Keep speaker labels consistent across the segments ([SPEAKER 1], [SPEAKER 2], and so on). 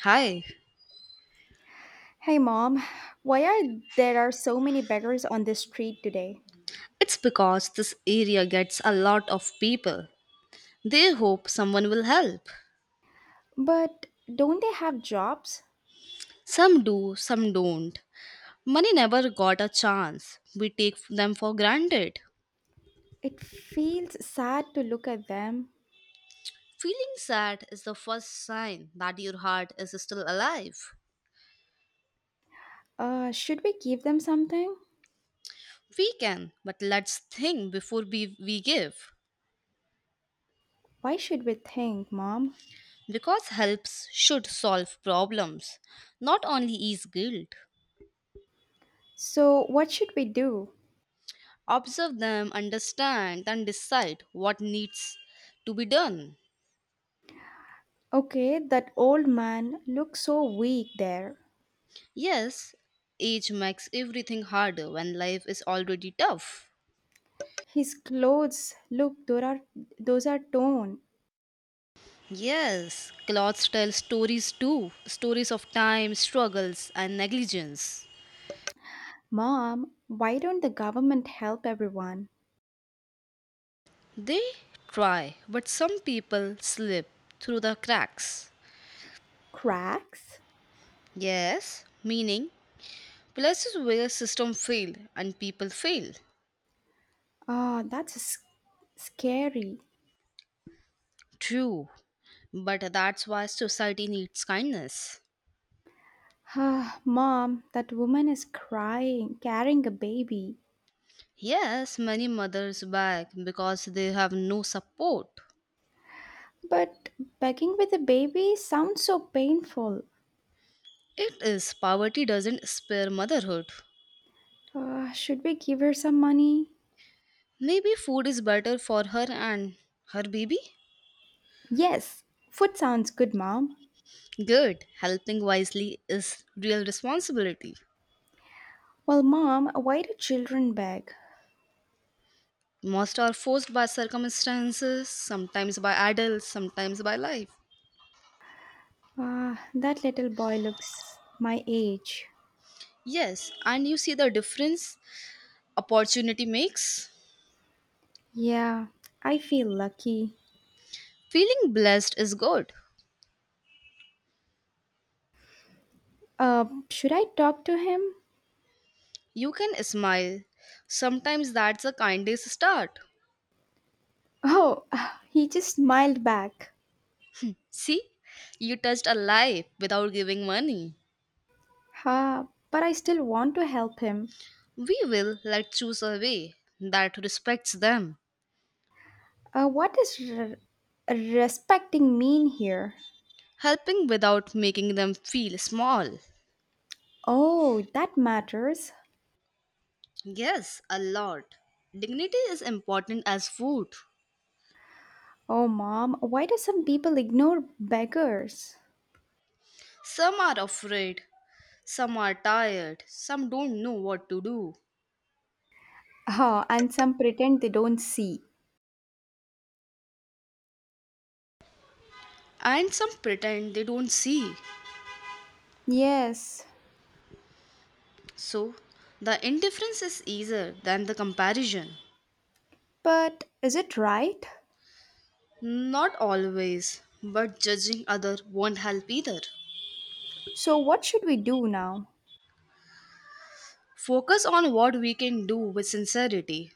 [SPEAKER 1] Hi.
[SPEAKER 2] Hey mom, why are there are so many beggars on the street today?
[SPEAKER 1] It's because this area gets a lot of people. They hope someone will help.
[SPEAKER 2] But don't they have jobs?
[SPEAKER 1] Some do, some don't. Many never got a chance. We take them for granted.
[SPEAKER 2] It feels sad to look at them.
[SPEAKER 1] Feeling sad is the first sign that your heart is still alive.
[SPEAKER 2] Should we give them something?
[SPEAKER 1] We can, but let's think before we give.
[SPEAKER 2] Why should we think, mom?
[SPEAKER 1] Because helps should solve problems, not only ease guilt.
[SPEAKER 2] So what should we do?
[SPEAKER 1] Observe them, understand, and decide what needs to be done.
[SPEAKER 2] Okay, that old man looks so weak there.
[SPEAKER 1] Yes, age makes everything harder when life is already tough.
[SPEAKER 2] His clothes, look, those are torn.
[SPEAKER 1] Yes, clothes tell stories too, stories of time, struggles, and negligence.
[SPEAKER 2] Mom, why don't the government help everyone?
[SPEAKER 1] They try, but some people slip through the cracks.
[SPEAKER 2] Cracks?
[SPEAKER 1] Yes, meaning places where system fail and people fail.
[SPEAKER 2] Ah, scary.
[SPEAKER 1] True, but that's why society needs kindness.
[SPEAKER 2] Ah, Mom, that woman is crying, carrying a baby.
[SPEAKER 1] Yes, many mothers beg because they have no support.
[SPEAKER 2] But begging with a baby sounds so painful.
[SPEAKER 1] It is. Poverty doesn't spare motherhood.
[SPEAKER 2] Should we give her some money?
[SPEAKER 1] Maybe food is better for her and her baby?
[SPEAKER 2] Yes, food sounds good, Mom.
[SPEAKER 1] Good. Helping wisely is real responsibility.
[SPEAKER 2] Well, Mom, why do children beg?
[SPEAKER 1] Most are forced by circumstances, sometimes by adults, sometimes by life.
[SPEAKER 2] Ah, that little boy looks my age.
[SPEAKER 1] Yes, and you see the difference opportunity makes?
[SPEAKER 2] Yeah, I feel lucky.
[SPEAKER 1] Feeling blessed is good.
[SPEAKER 2] Should I talk to him?
[SPEAKER 1] You can smile. Sometimes that's the kindest start.
[SPEAKER 2] Oh, he just smiled back.
[SPEAKER 1] See, you touched a life without giving money.
[SPEAKER 2] Ha, but I still want to help him.
[SPEAKER 1] We will let choose a way that respects them,
[SPEAKER 2] What does respecting mean here?
[SPEAKER 1] helping without making them feel small.
[SPEAKER 2] Oh, that matters.
[SPEAKER 1] Yes, a lot. Dignity is important as food.
[SPEAKER 2] Oh, mom, why do some people ignore beggars?
[SPEAKER 1] Some are afraid, some are tired, some don't know what to do,
[SPEAKER 2] Ah, and some pretend they don't see.
[SPEAKER 1] and some pretend they don't see.
[SPEAKER 2] Yes,
[SPEAKER 1] So, the indifference is easier than the comparison.
[SPEAKER 2] but is it right?
[SPEAKER 1] Not always, but judging other won't help either.
[SPEAKER 2] So, what should we do now?
[SPEAKER 1] Focus on what we can do with sincerity.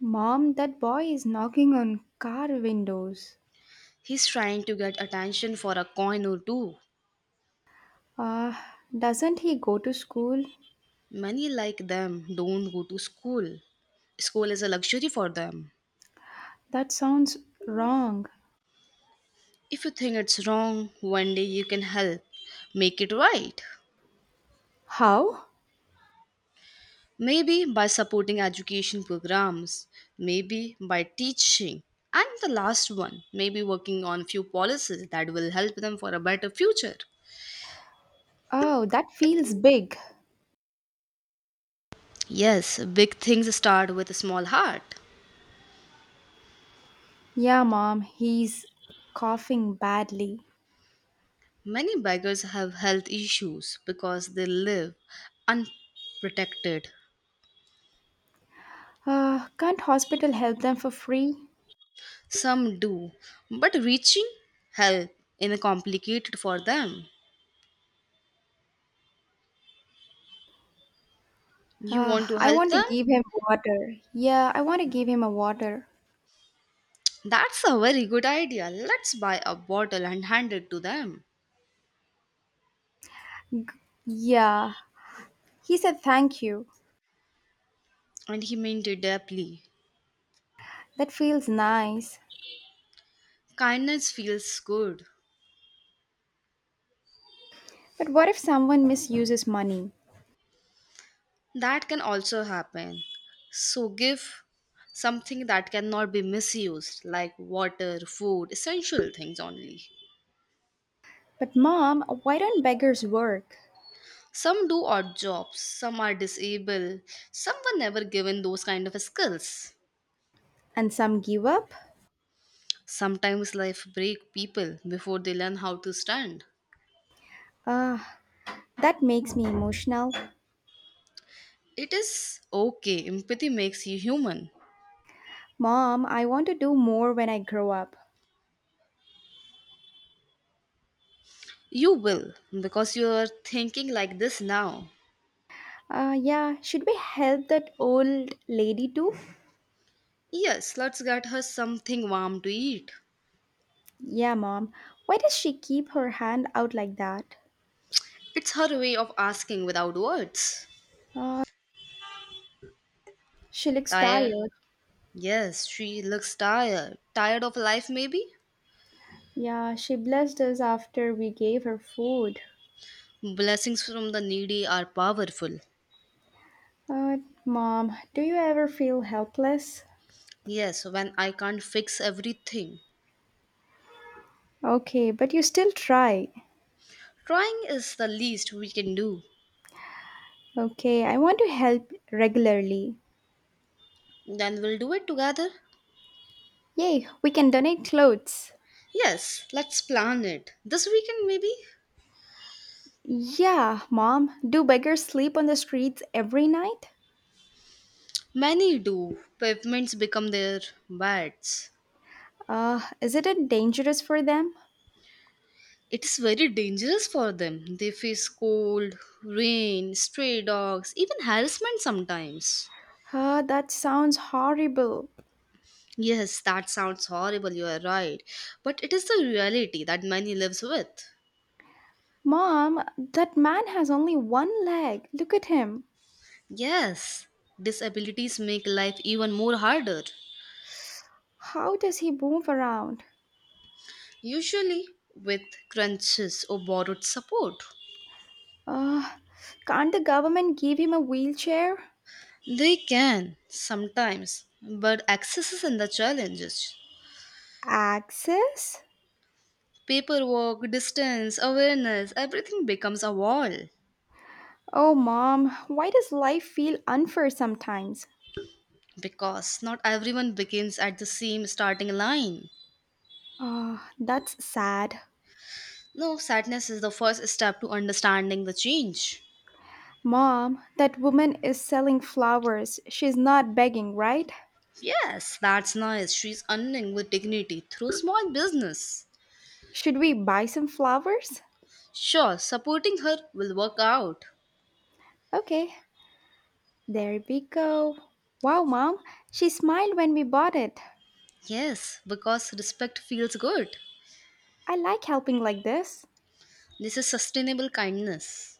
[SPEAKER 2] Mom, that boy is knocking on car windows.
[SPEAKER 1] He's trying to get attention for a coin or two.
[SPEAKER 2] Ah, doesn't he go to school?
[SPEAKER 1] Many like them don't go to school. School is a luxury for them.
[SPEAKER 2] That sounds wrong.
[SPEAKER 1] If you think it's wrong, one day you can help make it right.
[SPEAKER 2] How?
[SPEAKER 1] Maybe by supporting education programs, maybe by teaching, and the last one, maybe working on few policies that will help them for a better future.
[SPEAKER 2] Oh, that feels big.
[SPEAKER 1] Yes, big things start with a small heart.
[SPEAKER 2] Yeah, mom, he's coughing badly.
[SPEAKER 1] Many beggars have health issues because they live unprotected.
[SPEAKER 2] Can't hospital help them for free?
[SPEAKER 1] Some do, but reaching help is complicated for them. You want to
[SPEAKER 2] I
[SPEAKER 1] help
[SPEAKER 2] want to
[SPEAKER 1] them?
[SPEAKER 2] give him water. Yeah, I want to give him a water.
[SPEAKER 1] That's a very good idea. Let's buy a bottle and hand it to them.
[SPEAKER 2] Yeah, he said thank you.
[SPEAKER 1] And he meant it deeply.
[SPEAKER 2] That feels nice.
[SPEAKER 1] Kindness feels good.
[SPEAKER 2] But what if someone misuses money?
[SPEAKER 1] That can also happen. So give something that cannot be misused, like water, food, essential things only.
[SPEAKER 2] But mom, why don't beggars work?
[SPEAKER 1] Some do odd jobs, some are disabled, some were never given those kind of skills.
[SPEAKER 2] And some give up?
[SPEAKER 1] Sometimes life break people before they learn how to stand.
[SPEAKER 2] Uh, that makes me emotional.
[SPEAKER 1] It is okay, empathy makes you human.
[SPEAKER 2] Mom, I want to do more when I grow up.
[SPEAKER 1] You will, because you are thinking like this now.
[SPEAKER 2] Yeah, should we help that old lady too?
[SPEAKER 1] Yes, let's get her something warm to eat.
[SPEAKER 2] Yeah, mom. Why does she keep her hand out like that?
[SPEAKER 1] It's her way of asking without words.
[SPEAKER 2] Uh, she looks
[SPEAKER 1] Tired?
[SPEAKER 2] tired.
[SPEAKER 1] Yes, she looks tired. Tired of life, maybe?
[SPEAKER 2] Yeah, she blessed us after we gave her food.
[SPEAKER 1] Blessings from the needy are powerful.
[SPEAKER 2] Uh, Mom, do you ever feel helpless?
[SPEAKER 1] Yes, when I can't fix everything.
[SPEAKER 2] Okay, but you still try.
[SPEAKER 1] Trying is the least we can do.
[SPEAKER 2] Okay, I want to help regularly.
[SPEAKER 1] Then we'll do it together.
[SPEAKER 2] Yay, we can donate clothes.
[SPEAKER 1] Yes, let's plan it. This weekend, maybe?
[SPEAKER 2] Yeah, mom. Do beggars sleep on the streets every night?
[SPEAKER 1] Many do. Pavements become their beds.
[SPEAKER 2] Is it dangerous for them?
[SPEAKER 1] It is very dangerous for them. They face cold, rain, stray dogs, even harassment sometimes.
[SPEAKER 2] Ah, that sounds horrible.
[SPEAKER 1] Yes, that sounds horrible, you are right. But it is the reality that many lives with.
[SPEAKER 2] Mom, that man has only one leg. Look at him.
[SPEAKER 1] Yes, disabilities make life even more harder.
[SPEAKER 2] How does he move around?
[SPEAKER 1] Usually with crunches or borrowed support.
[SPEAKER 2] Uh, can't the government give him a wheelchair?
[SPEAKER 1] They can sometimes, but access is in the challenges.
[SPEAKER 2] Access?
[SPEAKER 1] Paperwork, distance, awareness, everything becomes a wall
[SPEAKER 2] Oh, mom, why does life feel unfair sometimes?
[SPEAKER 1] because not everyone begins at the same starting line.
[SPEAKER 2] Ah, that's sad.
[SPEAKER 1] No, sadness is the first step to understanding the change.
[SPEAKER 2] Mom, that woman is selling flowers. She's not begging, right?
[SPEAKER 1] Yes, that's nice. She's earning with dignity through small business.
[SPEAKER 2] Should we buy some flowers?
[SPEAKER 1] Sure, supporting her will work out.
[SPEAKER 2] Okay, there we go. Wow, mom, she smiled when we bought it.
[SPEAKER 1] Yes, because respect feels good.
[SPEAKER 2] I like helping like this.
[SPEAKER 1] This is sustainable kindness.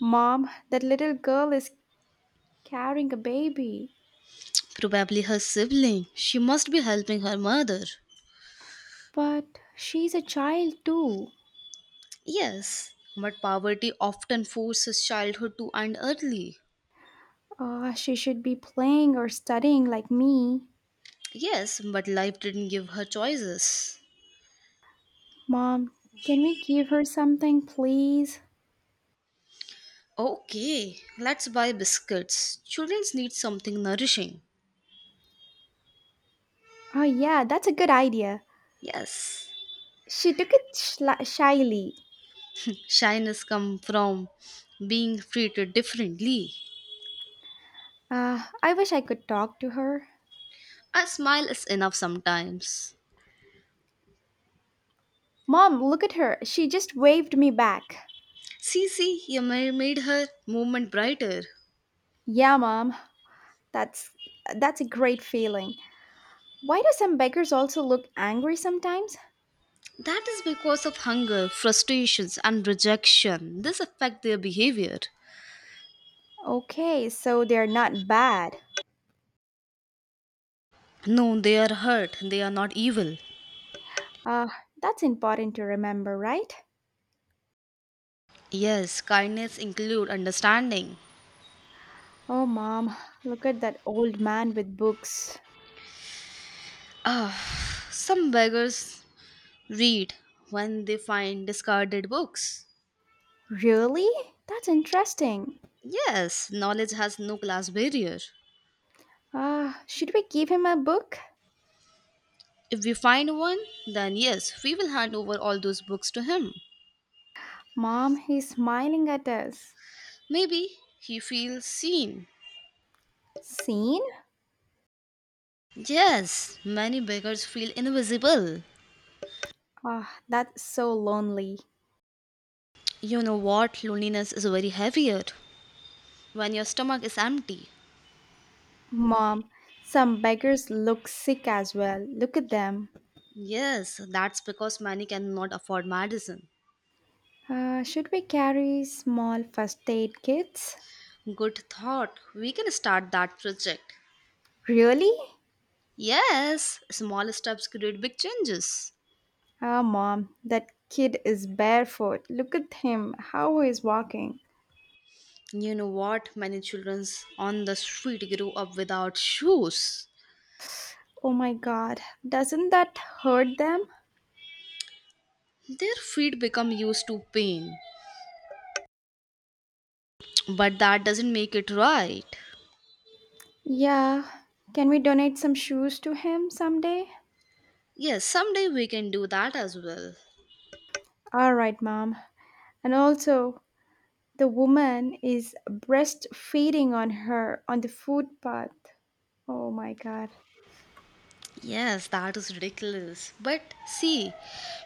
[SPEAKER 2] Mom, that little girl is carrying a baby.
[SPEAKER 1] Probably her sibling. She must be helping her mother.
[SPEAKER 2] But she's a child too.
[SPEAKER 1] Yes, but poverty often forces childhood to end early.
[SPEAKER 2] She should be playing or studying like me.
[SPEAKER 1] Yes, but life didn't give her choices.
[SPEAKER 2] Mom, can we give her something, please?
[SPEAKER 1] Okay, let's buy biscuits. Children need something nourishing.
[SPEAKER 2] Oh, yeah, that's a good idea.
[SPEAKER 1] Yes,
[SPEAKER 2] She took it shla shyly.
[SPEAKER 1] shyness comes from being treated differently.
[SPEAKER 2] I wish I could talk to her.
[SPEAKER 1] A smile is enough sometimes.
[SPEAKER 2] Mom, look at her. She just waved me back.
[SPEAKER 1] See, see, you made her moment brighter.
[SPEAKER 2] Yeah, Mom, that's that's a great feeling. Why do some beggars also look angry sometimes?
[SPEAKER 1] That is because of hunger, frustrations, and rejection. This affect their behavior.
[SPEAKER 2] Okay, so they're not bad.
[SPEAKER 1] No, they are hurt. They are not evil.
[SPEAKER 2] Uh, that's important to remember, right?
[SPEAKER 1] Yes, kindness include understanding.
[SPEAKER 2] Oh, mom, look at that old man with books.
[SPEAKER 1] Ah, some beggars read when they find discarded books.
[SPEAKER 2] Really? That's interesting.
[SPEAKER 1] Yes, knowledge has no class barrier.
[SPEAKER 2] Ah, should we give him a book?
[SPEAKER 1] If we find one, then yes, we will hand over all those books to him.
[SPEAKER 2] Mom, he's smiling at us.
[SPEAKER 1] Maybe he feels seen.
[SPEAKER 2] Seen?
[SPEAKER 1] Yes, many beggars feel invisible.
[SPEAKER 2] Ah, that's so lonely.
[SPEAKER 1] You know what? Loneliness is very heavier when your stomach is empty.
[SPEAKER 2] Mom, some beggars look sick as well. Look at them.
[SPEAKER 1] Yes, that's because many cannot afford medicine.
[SPEAKER 2] Should we carry small first aid kits?
[SPEAKER 1] Good thought. We can start that project.
[SPEAKER 2] Really?
[SPEAKER 1] Yes, small steps create big changes.
[SPEAKER 2] Ah, mom, that kid is barefoot. Look at him, how he's walking.
[SPEAKER 1] You know what? Many children on the street grow up without shoes.
[SPEAKER 2] Oh my god, doesn't that hurt them?
[SPEAKER 1] Their feet become used to pain. But that doesn't make it right.
[SPEAKER 2] Yeah, can we donate some shoes to him someday?
[SPEAKER 1] Yes, someday we can do that as well.
[SPEAKER 2] All right, mom. And also, the woman is breastfeeding on her on the footpath. Oh my god.
[SPEAKER 1] Yes, that is ridiculous. But see,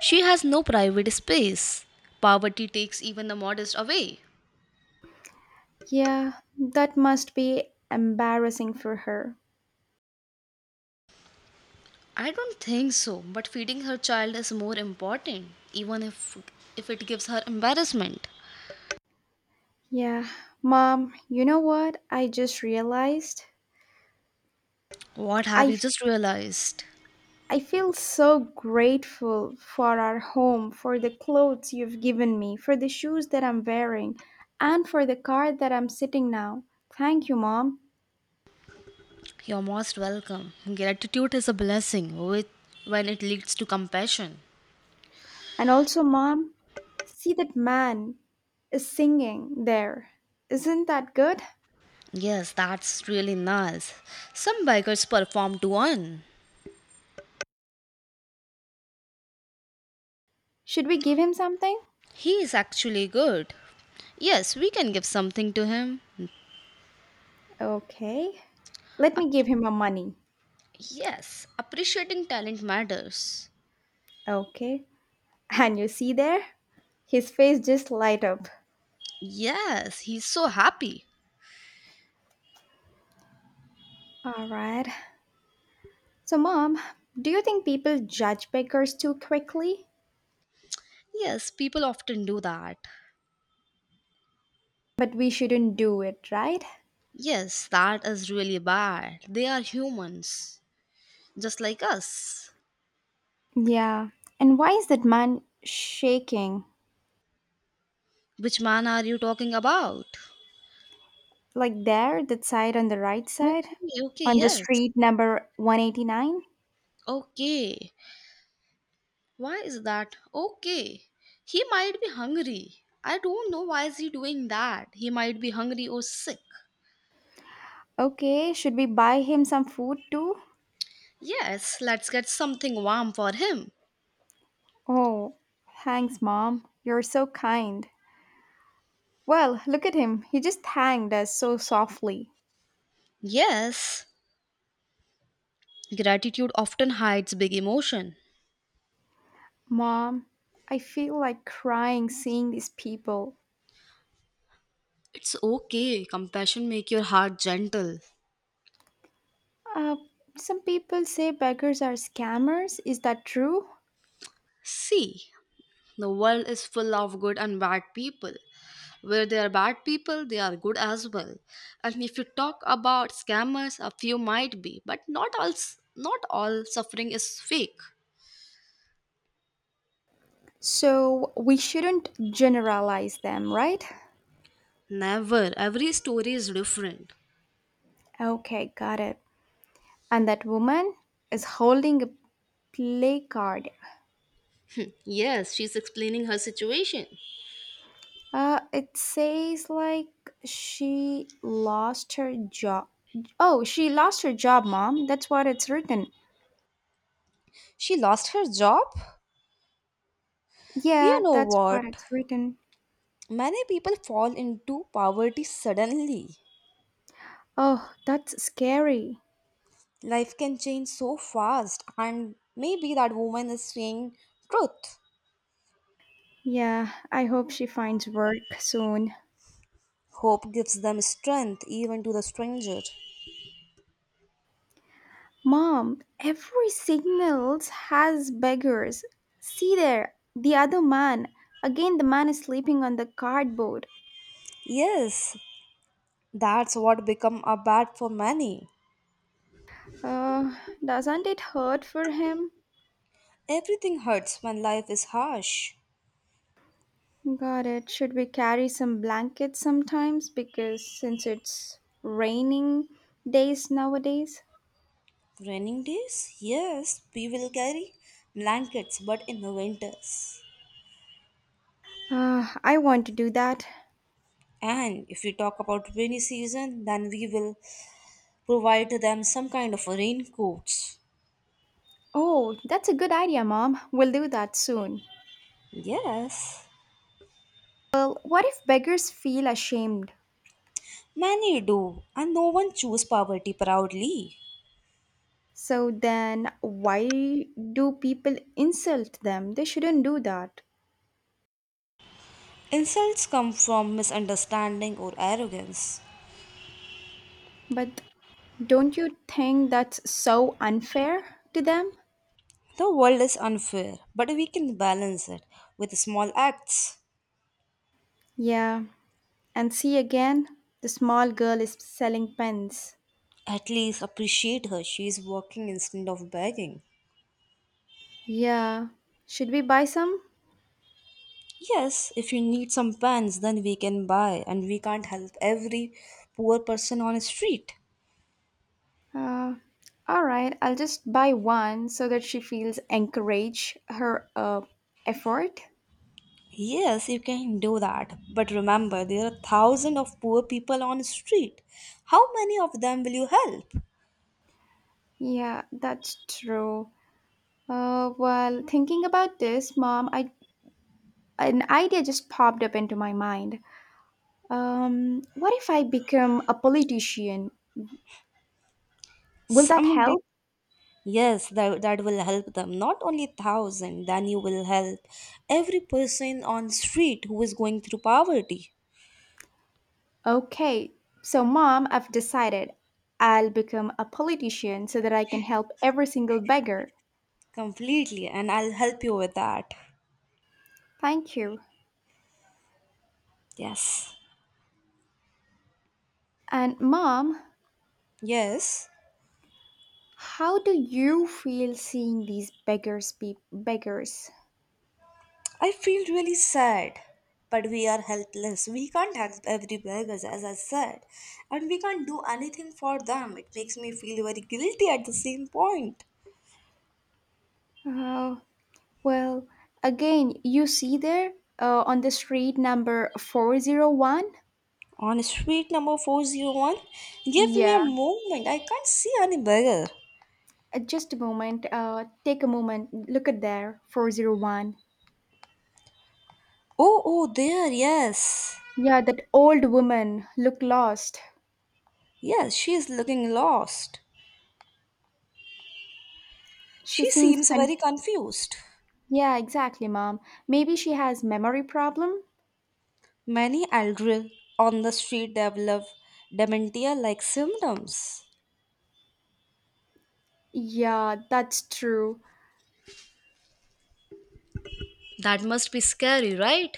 [SPEAKER 1] she has no private space. Poverty takes even the modest away.
[SPEAKER 2] Yeah, that must be embarrassing for her.
[SPEAKER 1] I don't think so, but feeding her child is more important, even if it gives her embarrassment.
[SPEAKER 2] Yeah, mom, you know what I just realized?
[SPEAKER 1] What have
[SPEAKER 2] I
[SPEAKER 1] you just realized?
[SPEAKER 2] I feel so grateful for our home, for the clothes you've given me, for the shoes that I'm wearing, and for the car that I'm sitting now. Thank you, Mom.
[SPEAKER 1] You're most welcome. Gratitude is a blessing with when it leads to compassion.
[SPEAKER 2] And also, Mom, see that man is singing there. Isn't that good?
[SPEAKER 1] Yes, that's really nice. Some bikers perform to one.
[SPEAKER 2] Should we give him something?
[SPEAKER 1] He is actually good. Yes, we can give something to him.
[SPEAKER 2] Okay. Let me
[SPEAKER 1] Up-
[SPEAKER 2] give him a money.
[SPEAKER 1] yes, appreciating talent matters.
[SPEAKER 2] Okay. And you see there? His face just light up.
[SPEAKER 1] Yes, he's so happy.
[SPEAKER 2] All right. So, Mom, do you think people judge beggars too quickly?
[SPEAKER 1] Yes, people often do that.
[SPEAKER 2] But we shouldn't do it, right?
[SPEAKER 1] Yes, that is really bad. They are humans, just like us.
[SPEAKER 2] Yeah. And why is that man shaking?
[SPEAKER 1] Which man are you talking about?
[SPEAKER 2] Like there, that side on the right side?
[SPEAKER 1] Okay, okay,
[SPEAKER 2] On the
[SPEAKER 1] yes.
[SPEAKER 2] street number 189?
[SPEAKER 1] Okay. Why is that? Okay. He might be hungry. I don't know why is he doing that. He might be hungry or sick.
[SPEAKER 2] Okay, should we buy him some food too?
[SPEAKER 1] Yes, let's get something warm for him.
[SPEAKER 2] Oh, thanks, Mom. You're so kind. Well, look at him. He just thanked us so softly.
[SPEAKER 1] Yes, gratitude often hides big emotion.
[SPEAKER 2] Mom, I feel like crying seeing these people.
[SPEAKER 1] It's okay. Compassion make your heart gentle.
[SPEAKER 2] Uh, some people say beggars are scammers. Is that true?
[SPEAKER 1] See, the world is full of good and bad people. Where there are bad people, they are good as well. And if you talk about scammers, a few might be, but not all suffering is fake.
[SPEAKER 2] So we shouldn't generalize them, right?
[SPEAKER 1] Never. Every story is different.
[SPEAKER 2] Okay, got it. And that woman is holding a placard.
[SPEAKER 1] Yes, she's explaining her situation.
[SPEAKER 2] It says like she lost her job. Oh, she lost her job, mom. That's what it's written.
[SPEAKER 1] She lost her job?
[SPEAKER 2] Yeah,
[SPEAKER 1] You know
[SPEAKER 2] that's what
[SPEAKER 1] what?
[SPEAKER 2] it's written.
[SPEAKER 1] Many people fall into poverty suddenly.
[SPEAKER 2] Oh, that's scary.
[SPEAKER 1] Life can change so fast, and maybe that woman is saying truth.
[SPEAKER 2] Yeah, I hope she finds work soon.
[SPEAKER 1] Hope gives them strength even to the stranger.
[SPEAKER 2] Mom, every signals has beggars. See there, the other man. Again, the man is sleeping on the cardboard.
[SPEAKER 1] Yes, that's what become a bad for many.
[SPEAKER 2] Uh, doesn't it hurt for him?
[SPEAKER 1] Everything hurts when life is harsh.
[SPEAKER 2] Got it. Should we carry some blankets sometimes? Because since it's raining days nowadays.
[SPEAKER 1] Raining days, yes, we will carry blankets, but in the winters.
[SPEAKER 2] I want to do that.
[SPEAKER 1] And if we talk about rainy season, then we will provide to them some kind of raincoats.
[SPEAKER 2] Oh, that's a good idea, Mom. We'll do that soon.
[SPEAKER 1] Yes.
[SPEAKER 2] Well, what if beggars feel ashamed?
[SPEAKER 1] Many do, and no one chooses poverty proudly.
[SPEAKER 2] So then, why do people insult them? They shouldn't do that.
[SPEAKER 1] Insults come from misunderstanding or arrogance.
[SPEAKER 2] But don't you think that's so unfair to them?
[SPEAKER 1] The world is unfair, but we can balance it with small acts.
[SPEAKER 2] Yeah, and see again, the small girl is selling pens.
[SPEAKER 1] At least appreciate her, she is working instead of begging.
[SPEAKER 2] Yeah, should we buy some?
[SPEAKER 1] Yes, if you need some pants, then we can buy, and we can't help every poor person on the street.
[SPEAKER 2] Uh, all right, I'll just buy one so that she feels encouraged her effort.
[SPEAKER 1] Yes, you can do that. But remember, there are thousands of poor people on the street. How many of them will you help?
[SPEAKER 2] Yeah, that's true. Well, thinking about this, mom, I an idea just popped up into my mind. What if I become a politician? Will that
[SPEAKER 1] Someday,
[SPEAKER 2] help?
[SPEAKER 1] yes, that will help them. Not only thousand, then you will help every person on street who is going through poverty.
[SPEAKER 2] Okay, so mom, I've decided I'll become a politician so that I can help every single beggar.
[SPEAKER 1] Completely, and I'll help you with that.
[SPEAKER 2] Thank you.
[SPEAKER 1] Yes.
[SPEAKER 2] And mom,
[SPEAKER 1] Yes.
[SPEAKER 2] how do you feel seeing these beggars?
[SPEAKER 1] I feel really sad, but we are helpless. We can't help every beggars, as I said, and we can't do anything for them. It makes me feel very guilty at the same point.
[SPEAKER 2] Oh well, again, you see there on the street number 401?
[SPEAKER 1] On street number 401, give me
[SPEAKER 2] Yeah,
[SPEAKER 1] a moment. I can't see any beggar.
[SPEAKER 2] Just a moment. Take a moment. Look at there, 401.
[SPEAKER 1] Oh, oh, there, yes.
[SPEAKER 2] Yeah, that old woman looked lost.
[SPEAKER 1] Yes, she is looking lost.
[SPEAKER 2] She
[SPEAKER 1] She
[SPEAKER 2] seems
[SPEAKER 1] seems
[SPEAKER 2] con-
[SPEAKER 1] very confused.
[SPEAKER 2] Yeah, exactly, mom. Maybe she has memory problem?
[SPEAKER 1] Many elderly on the street develop dementia like symptoms.
[SPEAKER 2] Yeah, that's true.
[SPEAKER 1] That must be scary, right?